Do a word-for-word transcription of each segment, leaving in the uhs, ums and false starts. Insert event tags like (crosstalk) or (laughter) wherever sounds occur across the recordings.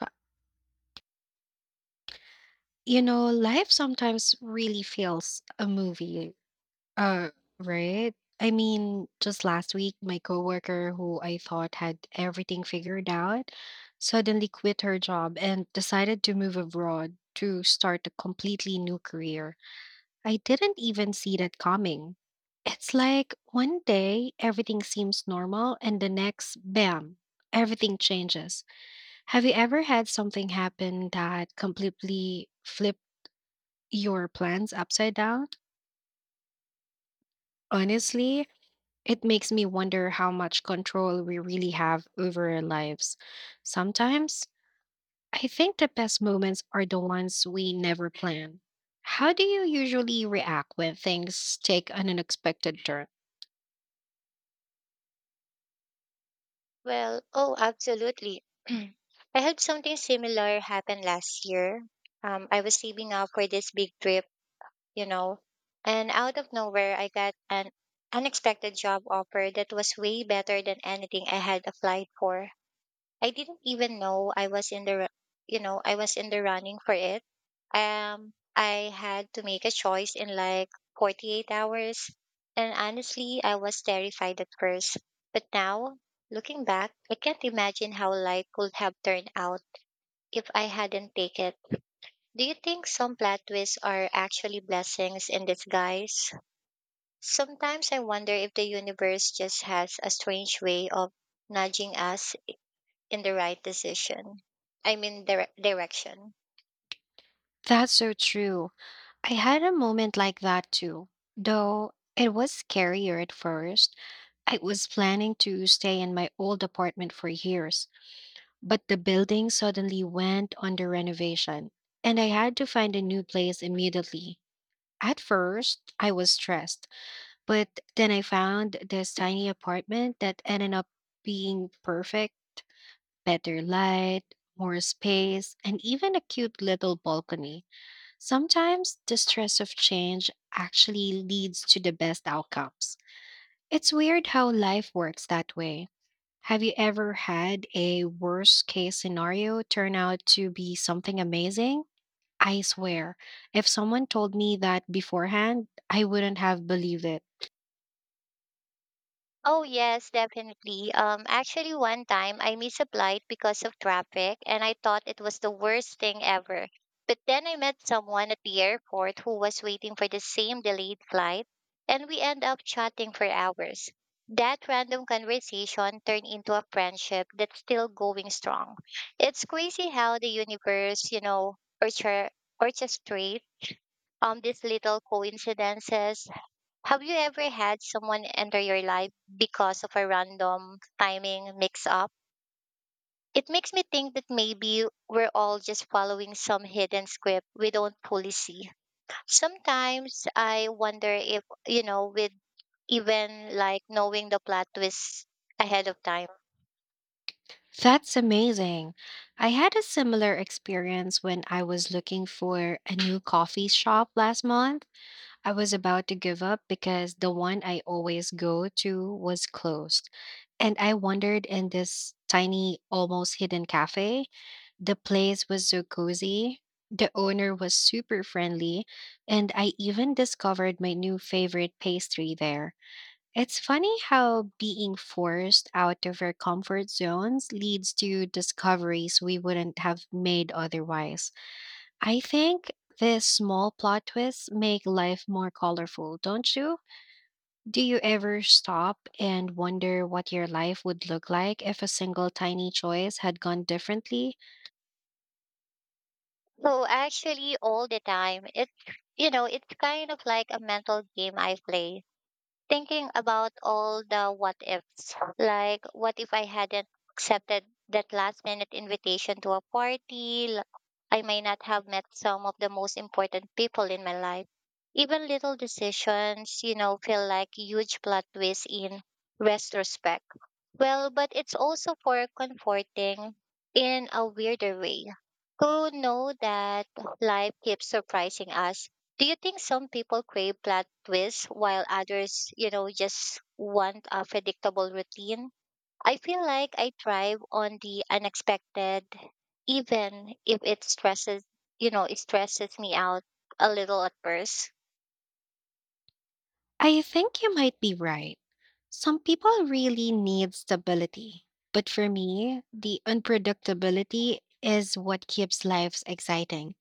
Uh, You know, life sometimes really feels a movie, uh, right? I mean, just last week, my coworker, who I thought had everything figured out, suddenly quit her job and decided to move abroad to start a completely new career. I didn't even see that coming. It's like one day everything seems normal, and the next, bam, everything changes. Have you ever had something happen that completely flipped your plans upside down? Honestly, it makes me wonder how much control we really have over our lives. Sometimes I think the best moments are the ones we never plan. How do you usually react when things take an unexpected turn? Well, oh, absolutely. (clears throat) I had something similar happen last year. Um, I was saving up for this big trip, you know, and out of nowhere, I got an unexpected job offer that was way better than anything I had applied for. I didn't even know I was in the ru- you know I was in the running for it. Um, I had to make a choice in like forty-eight hours, and honestly, I was terrified at first. But now, looking back, I can't imagine how life could have turned out if I hadn't taken it. Do you think some plot twists are actually blessings in disguise? Sometimes I wonder if the universe just has a strange way of nudging us in the right decision. I mean, dire- direction. That's so true. I had a moment like that too, though it was scarier at first. I was planning to stay in my old apartment for years, but the building suddenly went under renovation, and I had to find a new place immediately. At first, I was stressed, but then I found this tiny apartment that ended up being perfect: better light, more space, and even a cute little balcony. Sometimes the stress of change actually leads to the best outcomes. It's weird how life works that way. Have you ever had a worst case scenario turn out to be something amazing? I swear, if someone told me that beforehand, I wouldn't have believed it. Oh, yes, definitely. Um, actually, one time I misapplied because of traffic and I thought it was the worst thing ever. But then I met someone at the airport who was waiting for the same delayed flight, and we end up chatting for hours. That random conversation turned into a friendship that's still going strong. It's crazy how the universe, you know, orchestra- orchestrate um these little coincidences. Have you ever had someone enter your life because of a random timing mix up? It makes me think that maybe we're all just following some hidden script we don't fully see. Sometimes I wonder if, you know, with even like knowing the plot twist ahead of time. That's amazing. I had a similar experience when I was looking for a new coffee shop last month. I was about to give up because the one I always go to was closed. And I wandered in this tiny, almost hidden cafe. The place was so cozy. The owner was super friendly. And I even discovered my new favorite pastry there. It's funny how being forced out of our comfort zones leads to discoveries we wouldn't have made otherwise. I think these small plot twists make life more colorful, don't you? Do you ever stop and wonder what your life would look like if a single tiny choice had gone differently? So actually all the time it you know, it's kind of like a mental game I play, thinking about all the what ifs. Like, what if I hadn't accepted that last minute invitation to a party? L- I may not have met some of the most important people in my life. Even little decisions, you know, feel like huge plot twists in retrospect. Well, but it's also for comforting in a weirder way. Who know that life keeps surprising us. Do you think some people crave plot twists while others, you know, just want a predictable routine? I feel like I thrive on the unexpected, even if it stresses, you know, it stresses me out a little at first. I think you might be right. Some people really need stability. But for me, the unpredictability is what keeps lives exciting.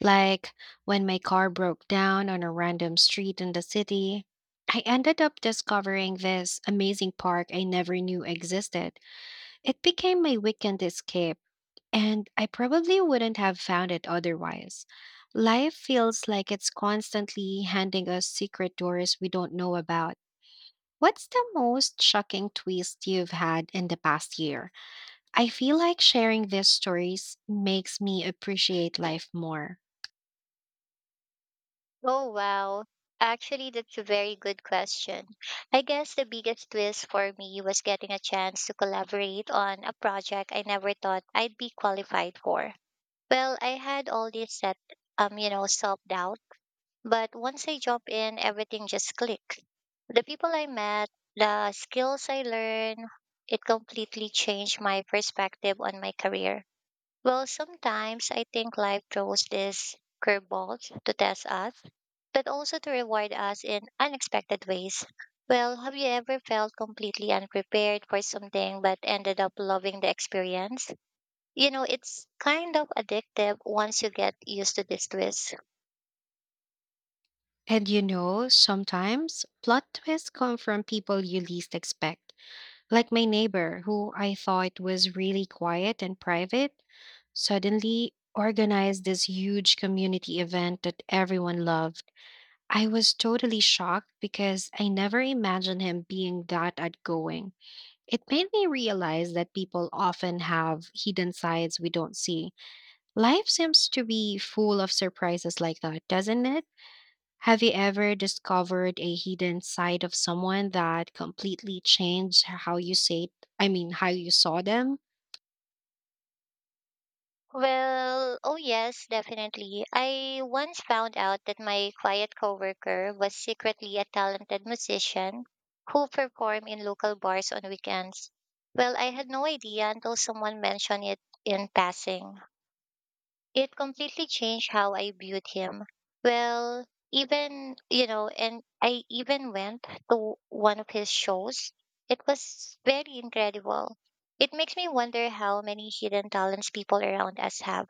Like when my car broke down on a random street in the city, I ended up discovering this amazing park I never knew existed. It became my weekend escape, and I probably wouldn't have found it otherwise. Life feels like it's constantly handing us secret doors we don't know about. What's the most shocking twist you've had in the past year? I feel like sharing these stories makes me appreciate life more. Oh, wow. Actually, that's a very good question. I guess the biggest twist for me was getting a chance to collaborate on a project I never thought I'd be qualified for. Well, I had all this set, um, you know, self-doubt, but once I jump in, everything just clicked. The people I met, the skills I learned, it completely changed my perspective on my career. Well, sometimes I think life throws these curveballs to test us, but also to reward us in unexpected ways. Well, have you ever felt completely unprepared for something but ended up loving the experience? You know, it's kind of addictive once you get used to this twist. And you know, sometimes plot twists come from people you least expect, like my neighbor, who I thought was really quiet and private, suddenly organized this huge community event that everyone loved. I was totally shocked because I never imagined him being that outgoing. It made me realize that people often have hidden sides we don't see. Life seems to be full of surprises like that, doesn't it? Have you ever discovered a hidden side of someone that completely changed how you say, I mean, how you saw them? Well, oh yes, definitely. I once found out that my quiet coworker was secretly a talented musician who performed in local bars on weekends. Well, I had no idea until someone mentioned it in passing. It completely changed how I viewed him. Well, even, you know, and I even went to one of his shows. It was very incredible. It makes me wonder how many hidden talents people around us have.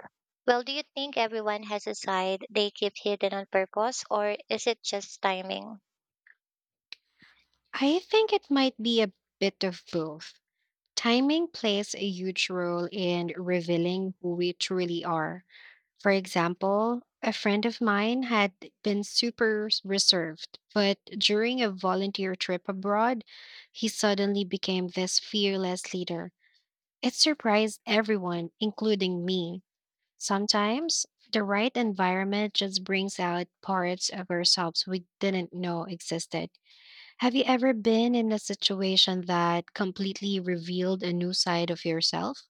Well, do you think everyone has a side they keep hidden on purpose, or is it just timing? I think it might be a bit of both. Timing plays a huge role in revealing who we truly are. For example, a friend of mine had been super s- reserved, but during a volunteer trip abroad, he suddenly became this fearless leader. It surprised everyone, including me. Sometimes the right environment just brings out parts of ourselves we didn't know existed. Have you ever been in a situation that completely revealed a new side of yourself?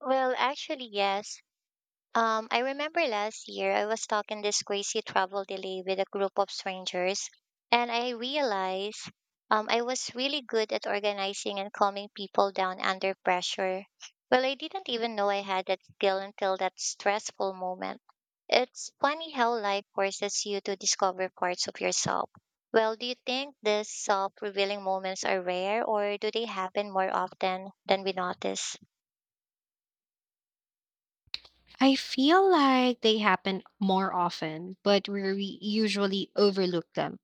Well, actually, yes. Um, I remember last year I was stuck in this crazy travel delay with a group of strangers, and I realized um, I was really good at organizing and calming people down under pressure. Well, I didn't even know I had that skill until that stressful moment. It's funny how life forces you to discover parts of yourself. Well, do you think these self revealing moments are rare, or do they happen more often than we notice? I feel like they happen more often, but we re- usually overlook them.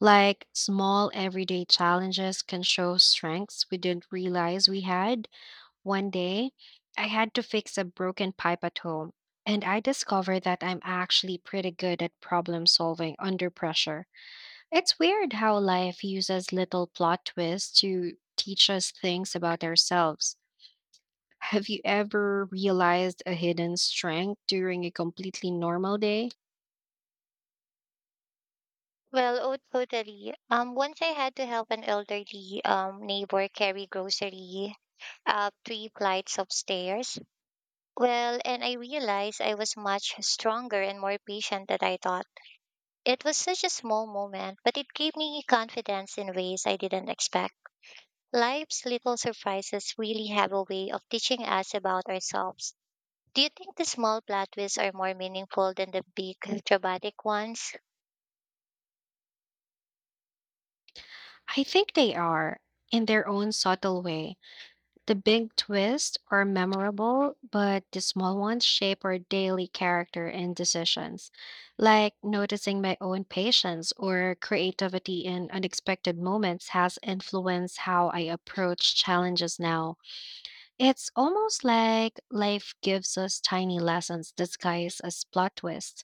Like small everyday challenges can show strengths we didn't realize we had. One day, I had to fix a broken pipe at home, and I discovered that I'm actually pretty good at problem solving under pressure. It's weird how life uses little plot twists to teach us things about ourselves. Have you ever realized a hidden strength during a completely normal day? Well, oh, totally. Um, once I had to help an elderly um neighbor carry grocery up three flights of stairs. Well, and I realized I was much stronger and more patient than I thought. It was such a small moment, but it gave me confidence in ways I didn't expect. Life's little surprises really have a way of teaching us about ourselves. Do you think the small plot twists are more meaningful than the big dramatic ones? I think they are, in their own subtle way. The big twists are memorable, but the small ones shape our daily character and decisions, like noticing my own patience or creativity in unexpected moments has influenced how I approach challenges now. It's almost like life gives us tiny lessons disguised as plot twists.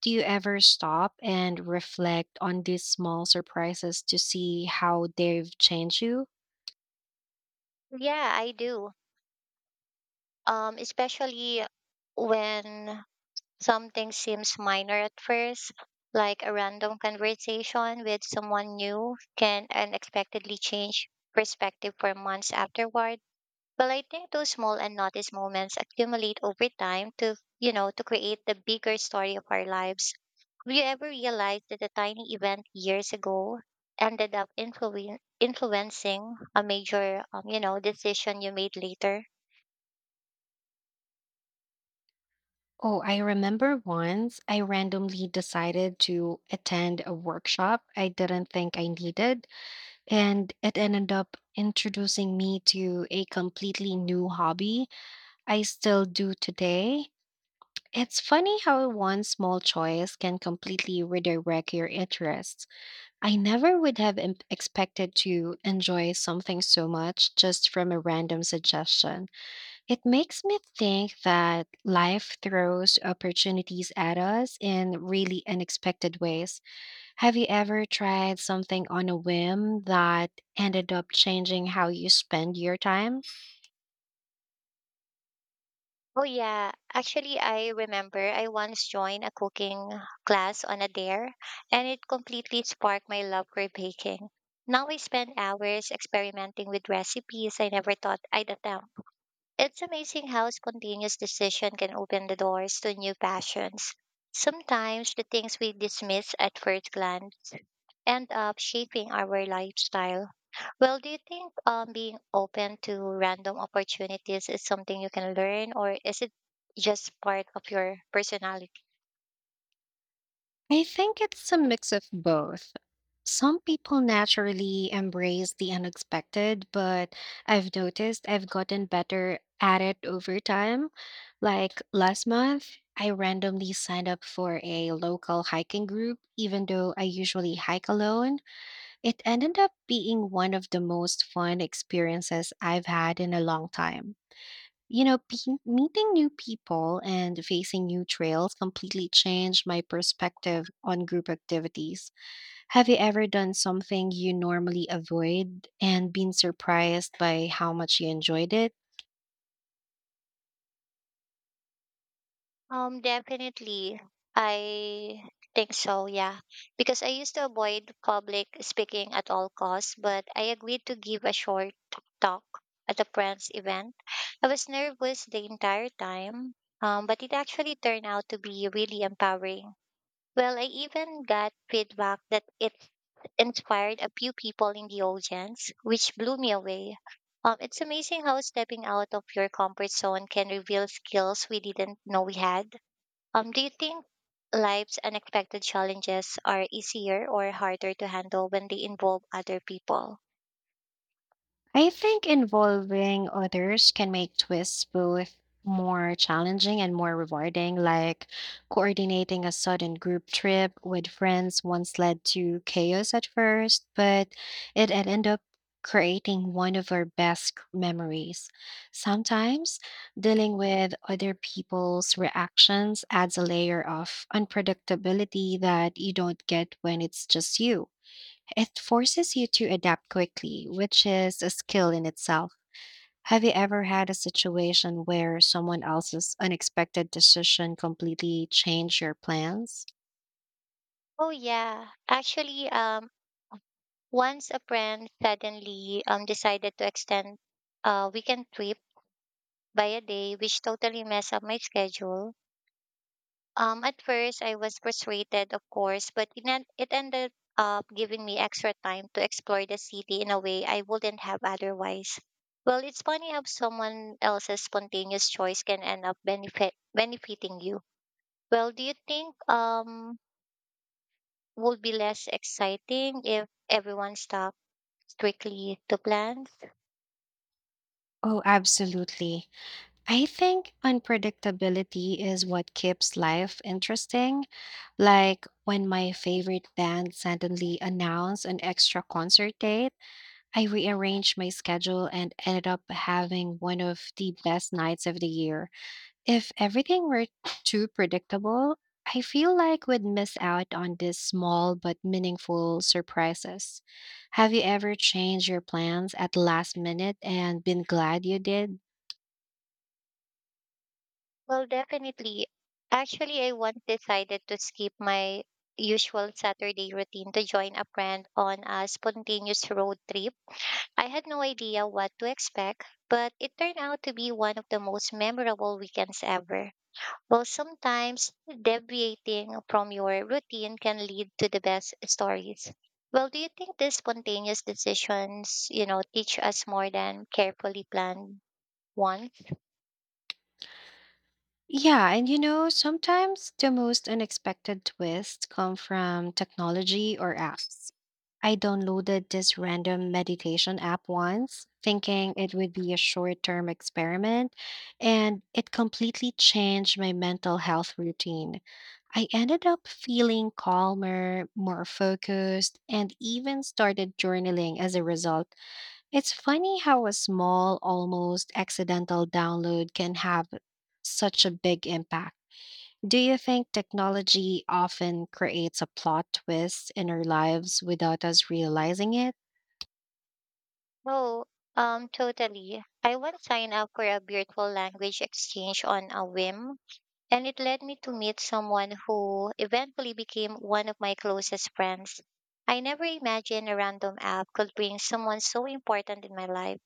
Do you ever stop and reflect on these small surprises to see how they've changed you? Yeah, I do. Um, especially when something seems minor at first, like a random conversation with someone new can unexpectedly change perspective for months afterward. Well, I think those small and noticed moments accumulate over time to, you know, to create the bigger story of our lives. Have you ever realized that a tiny event years ago ended up influen- influencing a major, um, you know, decision you made later? Oh, I remember once I randomly decided to attend a workshop I didn't think I needed, and it ended up introducing me to a completely new hobby I still do today. It's funny how one small choice can completely redirect your interests. I never would have im- expected to enjoy something so much just from a random suggestion. It makes me think that life throws opportunities at us in really unexpected ways. Have you ever tried something on a whim that ended up changing how you spend your time? Oh yeah, actually I remember I once joined a cooking class on a dare, and it completely sparked my love for baking. Now I spend hours experimenting with recipes I never thought I'd attempt. It's amazing how spontaneous decision can open the doors to new passions. Sometimes the things we dismiss at first glance end up shaping our lifestyle. Well, do you think um, being open to random opportunities is something you can learn, or is it just part of your personality? I think it's a mix of both. Some people naturally embrace the unexpected, but I've noticed I've gotten better at it over time. Like last month, I randomly signed up for a local hiking group, even though I usually hike alone. It ended up being one of the most fun experiences I've had in a long time. You know, pe- meeting new people and facing new trails completely changed my perspective on group activities. Have you ever done something you normally avoid and been surprised by how much you enjoyed it? Um, definitely, I think so. Yeah, because I used to avoid public speaking at all costs, but I agreed to give a short talk at a friend's event. I was nervous the entire time, um, but it actually turned out to be really empowering. Well, I even got feedback that it inspired a few people in the audience, which blew me away. Um, it's amazing how stepping out of your comfort zone can reveal skills we didn't know we had. Um, do you think life's unexpected challenges are easier or harder to handle when they involve other people? I think involving others can make twists both more challenging and more rewarding, like coordinating a sudden group trip with friends once led to chaos at first, but it ended up creating one of our best c- memories. Sometimes dealing with other people's reactions adds a layer of unpredictability that you don't get when it's just you. It forces you to adapt quickly, which is a skill in itself. Have you ever had a situation where someone else's unexpected decision completely changed your plans? Oh yeah, actually, um, once a friend suddenly um decided to extend a weekend trip by a day, which totally messed up my schedule. Um, at first, I was frustrated, of course, but it, en- it ended up giving me extra time to explore the city in a way I wouldn't have otherwise. Well, it's funny how someone else's spontaneous choice can end up benefit benefiting you. Well, do you think um would be less exciting if everyone stuck strictly to plans? Oh, absolutely. I think unpredictability is what keeps life interesting. Like when my favorite band suddenly announced an extra concert date, I rearranged my schedule and ended up having one of the best nights of the year. If everything were too predictable, I feel like we'd miss out on these small but meaningful surprises. Have you ever changed your plans at last minute and been glad you did? Well, definitely. Actually, I once decided to skip my usual Saturday routine to join a friend on a spontaneous road trip. I had no idea what to expect, but it turned out to be one of the most memorable weekends ever. Well, sometimes deviating from your routine can lead to the best stories. Well, do you think these spontaneous decisions, you know, teach us more than carefully planned ones? Yeah, and you know, sometimes the most unexpected twists come from technology or apps. I downloaded this random meditation app once, thinking it would be a short term experiment, and it completely changed my mental health routine. I ended up feeling calmer, more focused, and even started journaling as a result. It's funny how a small, almost accidental download can have such a big impact. Do you think technology often creates a plot twist in our lives without us realizing it? Oh, um, totally. I once signed up for a virtual language exchange on a whim, and it led me to meet someone who eventually became one of my closest friends. I never imagined a random app could bring someone so important in my life.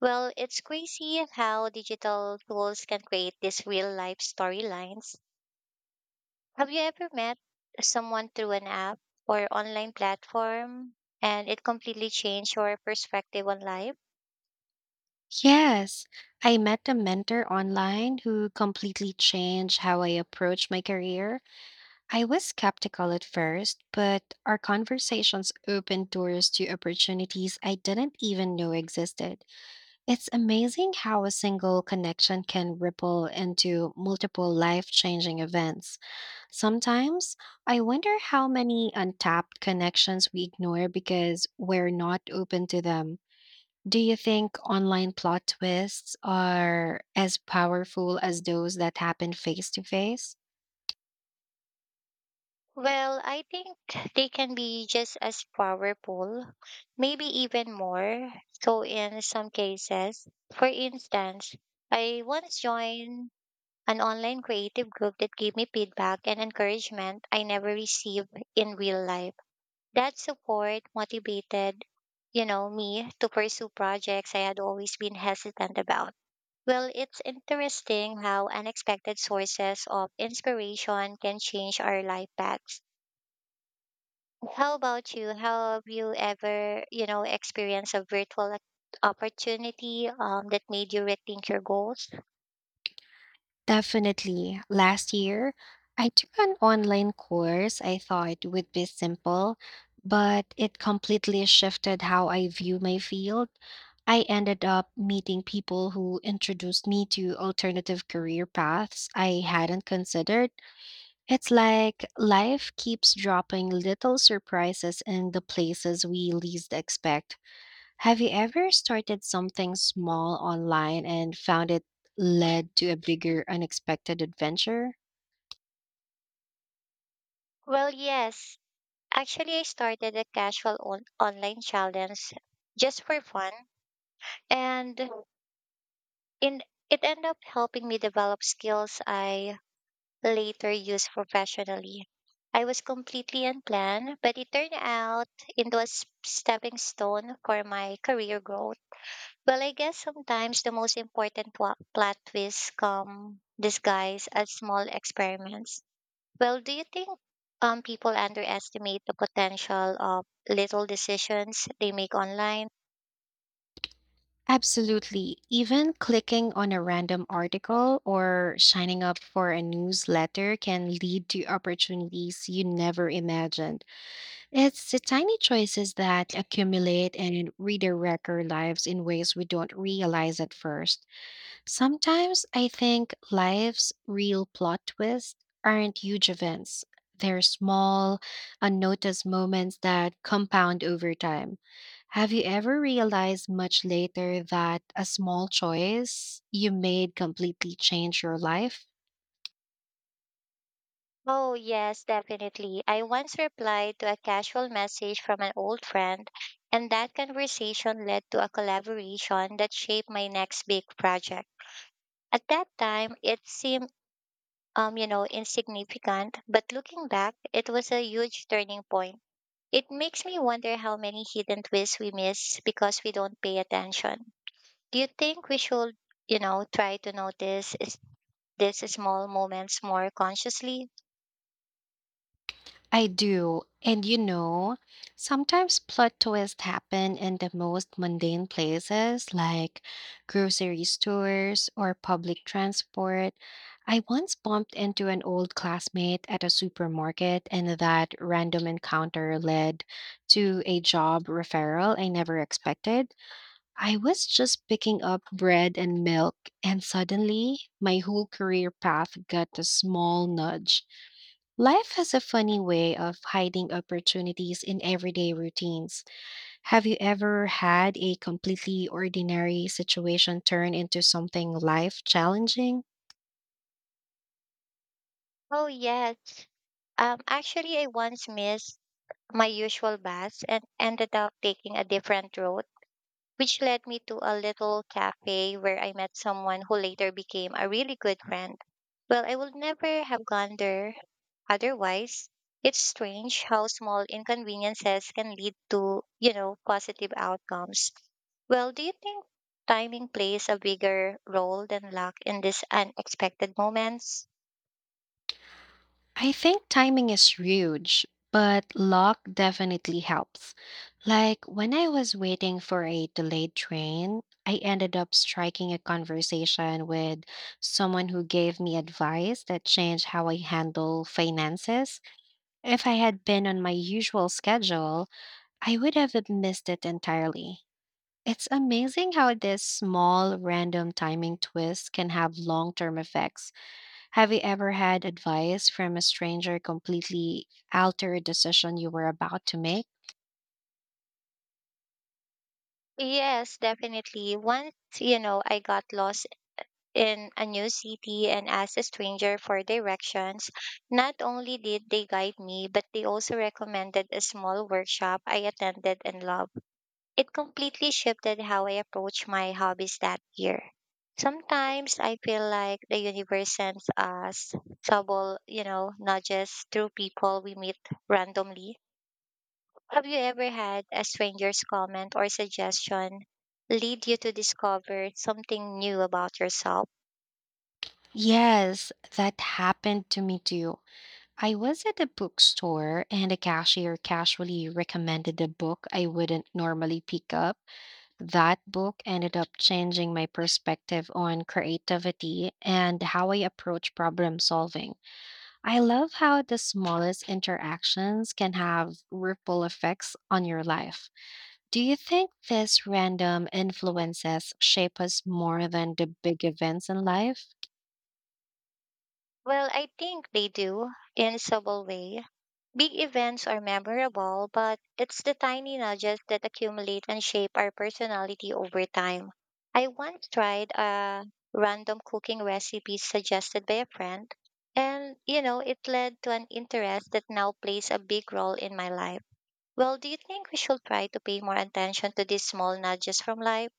Well, it's crazy how digital tools can create these real life storylines. Have you ever met someone through an app or online platform and it completely changed your perspective on life? Yes, I met a mentor online who completely changed how I approach my career. I was skeptical at first, but our conversations opened doors to opportunities I didn't even know existed. It's amazing how a single connection can ripple into multiple life changing events. Sometimes I wonder how many untapped connections we ignore because we're not open to them. Do you think online plot twists are as powerful as those that happen face to face? Well, I think they can be just as powerful, maybe even more. So, in some cases, for instance, I once joined an online creative group that gave me feedback and encouragement I never received in real life. That support motivated, you know, me to pursue projects I had always been hesitant about. Well, it's interesting how unexpected sources of inspiration can change our life paths. How about you? How have you ever, you know, experienced a virtual ac- opportunity um, that made you rethink your goals? Definitely. Last year, I took an online course I thought would be simple, but it completely shifted how I view my field. I ended up meeting people who introduced me to alternative career paths I hadn't considered. It's like life keeps dropping little surprises in the places we least expect. Have you ever started something small online and found it led to a bigger unexpected adventure? Well, yes. Actually, I started a casual on- online challenge just for fun, and in it ended up helping me develop skills I later used professionally. I was completely unplanned, but it turned out into a s- stepping stone for my career growth. Well, I guess sometimes the most important pl- plot twists come disguised as small experiments. Well, do you think um, people underestimate the potential of little decisions they make online? Absolutely. Even clicking on a random article or signing up for a newsletter can lead to opportunities you never imagined. It's the tiny choices that accumulate and redirect our lives in ways we don't realize at first. Sometimes I think life's real plot twists aren't huge events. They're small, unnoticed moments that compound over time. Have you ever realized much later that a small choice you made completely changed your life? Oh, yes, definitely. I once replied to a casual message from an old friend, and that conversation led to a collaboration that shaped my next big project. At that time, it seemed um, you know, insignificant, but looking back, it was a huge turning point. It makes me wonder how many hidden twists we miss because we don't pay attention. Do you think we should, you know, try to notice is- these small moments more consciously? I do. And you know, sometimes plot twists happen in the most mundane places like grocery stores or public transport. I once bumped into an old classmate at a supermarket, and that random encounter led to a job referral I never expected. I was just picking up bread and milk, and suddenly my whole career path got a small nudge. Life has a funny way of hiding opportunities in everyday routines. Have you ever had a completely ordinary situation turn into something life challenging? Oh, yes. Um, actually, I once missed my usual bus and ended up taking a different road, which led me to a little cafe where I met someone who later became a really good friend. Well, I would never have gone there otherwise. It's strange how small inconveniences can lead to, you know, positive outcomes. Well, do you think timing plays a bigger role than luck in these unexpected moments? I think timing is huge, but luck definitely helps. Like when I was waiting for a delayed train, I ended up striking a conversation with someone who gave me advice that changed how I handle finances. If I had been on my usual schedule, I would have missed it entirely. It's amazing how this small random timing twist can have long term effects. Have you ever had advice from a stranger completely alter a decision you were about to make? Yes, definitely. Once, you know, I got lost in a new city and asked a stranger for directions. Not only did they guide me, but they also recommended a small workshop I attended and loved. It completely shifted how I approach my hobbies that year. Sometimes I feel like the universe sends us subtle, you know, nudges through people we meet randomly. Have you ever had a stranger's comment or suggestion lead you to discover something new about yourself? Yes, that happened to me too. I was at a bookstore and a cashier casually recommended a book I wouldn't normally pick up. That book ended up changing my perspective on creativity and how I approach problem solving. I love how the smallest interactions can have ripple effects on your life. Do you think these random influences shape us more than the big events in life? Well, I think they do in a subtle way. Big events are memorable, but it's the tiny nudges that accumulate and shape our personality over time. I once tried a random cooking recipe suggested by a friend, and you know, it led to an interest that now plays a big role in my life. Well, do you think we should try to pay more attention to these small nudges from life?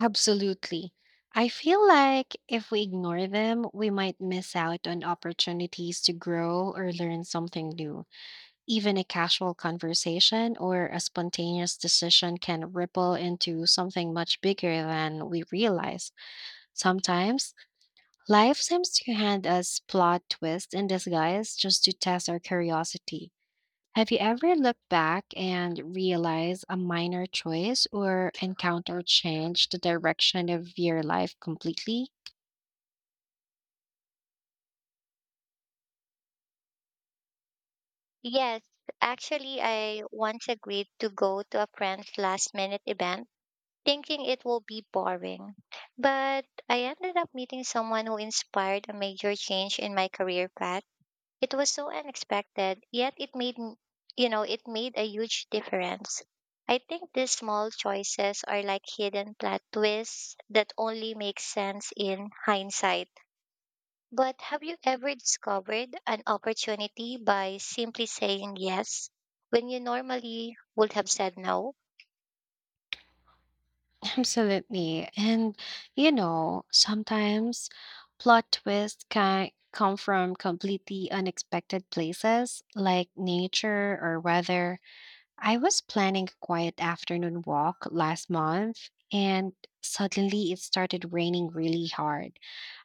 Absolutely. I feel like if we ignore them, we might miss out on opportunities to grow or learn something new. Even a casual conversation or a spontaneous decision can ripple into something much bigger than we realize. Sometimes life seems to hand us plot twists in disguise just to test our curiosity. Have you ever looked back and realized a minor choice or encounter changed the direction of your life completely? Yes, actually, I once agreed to go to a friend's last minute event thinking it will be boring. But I ended up meeting someone who inspired a major change in my career path. It was so unexpected, yet it made, m- you know, it made a huge difference. I think these small choices are like hidden plot twists that only make sense in hindsight. But have you ever discovered an opportunity by simply saying yes when you normally would have said no? (laughs) Absolutely. And, you know, sometimes plot twists can come from completely unexpected places like nature or weather. I was planning a quiet afternoon walk last month, and suddenly it started raining really hard.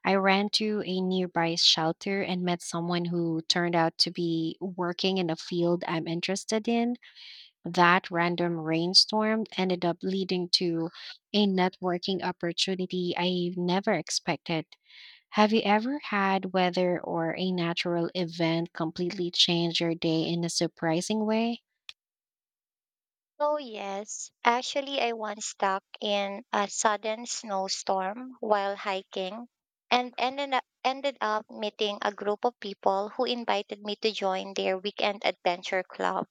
I ran to a nearby shelter and met someone who turned out to be working in a field I'm interested in. That random rainstorm ended up leading to a networking opportunity I never expected. Have you ever had weather or a natural event completely change your day in a surprising way? Oh, yes. Actually, I once stuck in a sudden snowstorm while hiking and ended up, ended up meeting a group of people who invited me to join their weekend adventure club.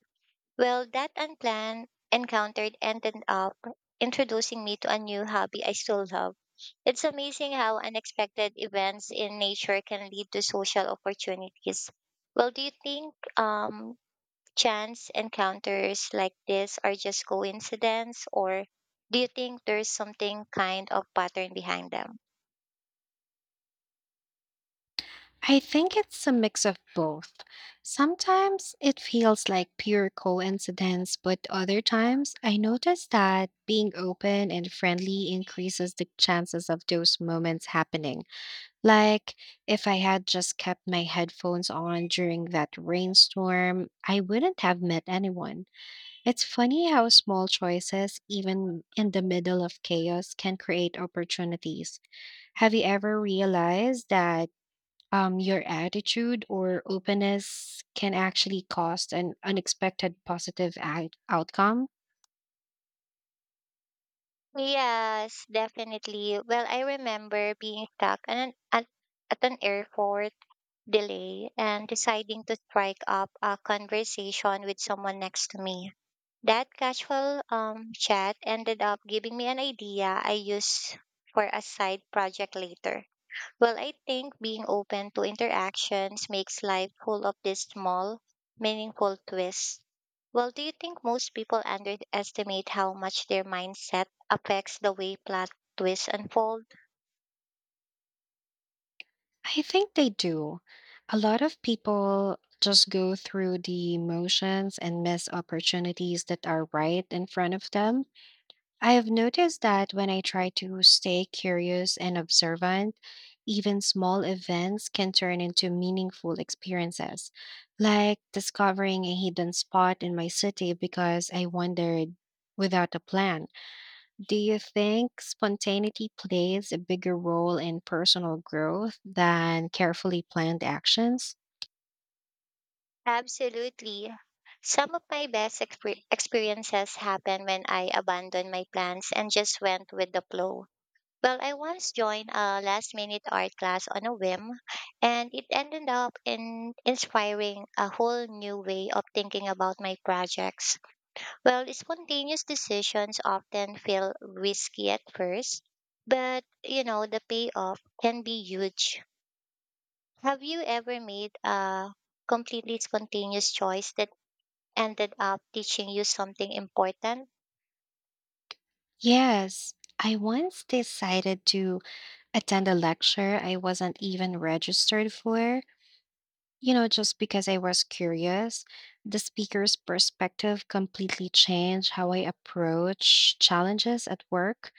Well, that unplanned encounter ended up introducing me to a new hobby I still love. It's amazing how unexpected events in nature can lead to social opportunities. Well, do you think um, chance encounters like this are just coincidence or do you think there's something kind of pattern behind them? I think it's a mix of both. Sometimes it feels like pure coincidence, but other times I notice that being open and friendly increases the chances of those moments happening. Like if I had just kept my headphones on during that rainstorm, I wouldn't have met anyone. It's funny how small choices, even in the middle of chaos, can create opportunities. Have you ever realized that um, your attitude or openness can actually cost an unexpected positive out- outcome? Yes, definitely. Well, I remember being stuck at an, at, at an airport delay and deciding to strike up a conversation with someone next to me. That casual um, chat ended up giving me an idea I used for a side project later. Well, I think being open to interactions makes life full of these small, meaningful twists. Well, do you think most people underestimate how much their mindset affects the way plot twists unfold? I think they do. A lot of people just go through the motions and miss opportunities that are right in front of them. I have noticed that when I try to stay curious and observant, even small events can turn into meaningful experiences, like discovering a hidden spot in my city because I wandered without a plan. Do you think spontaneity plays a bigger role in personal growth than carefully planned actions? Absolutely. Some of my best exper- experiences happened when I abandoned my plans and just went with the flow. Well, I once joined a last minute art class on a whim, and it ended up in inspiring a whole new way of thinking about my projects. Well, spontaneous decisions often feel risky at first, but you know, the payoff can be huge. Have you ever made a completely spontaneous choice that ended up teaching you something important? Yes. I once decided to attend a lecture I wasn't even registered for, you know, just because I was curious. The speaker's perspective completely changed how I approach challenges at work.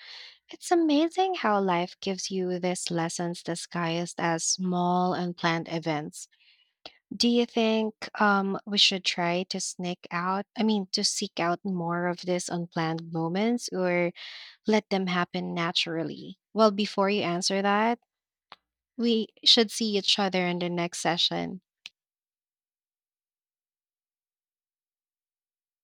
It's amazing how life gives you these lessons disguised as small unplanned events. Do you think um, we should try to sneak out? I mean, to seek out more of these unplanned moments or let them happen naturally? Well, before you answer that, we should see each other in the next session.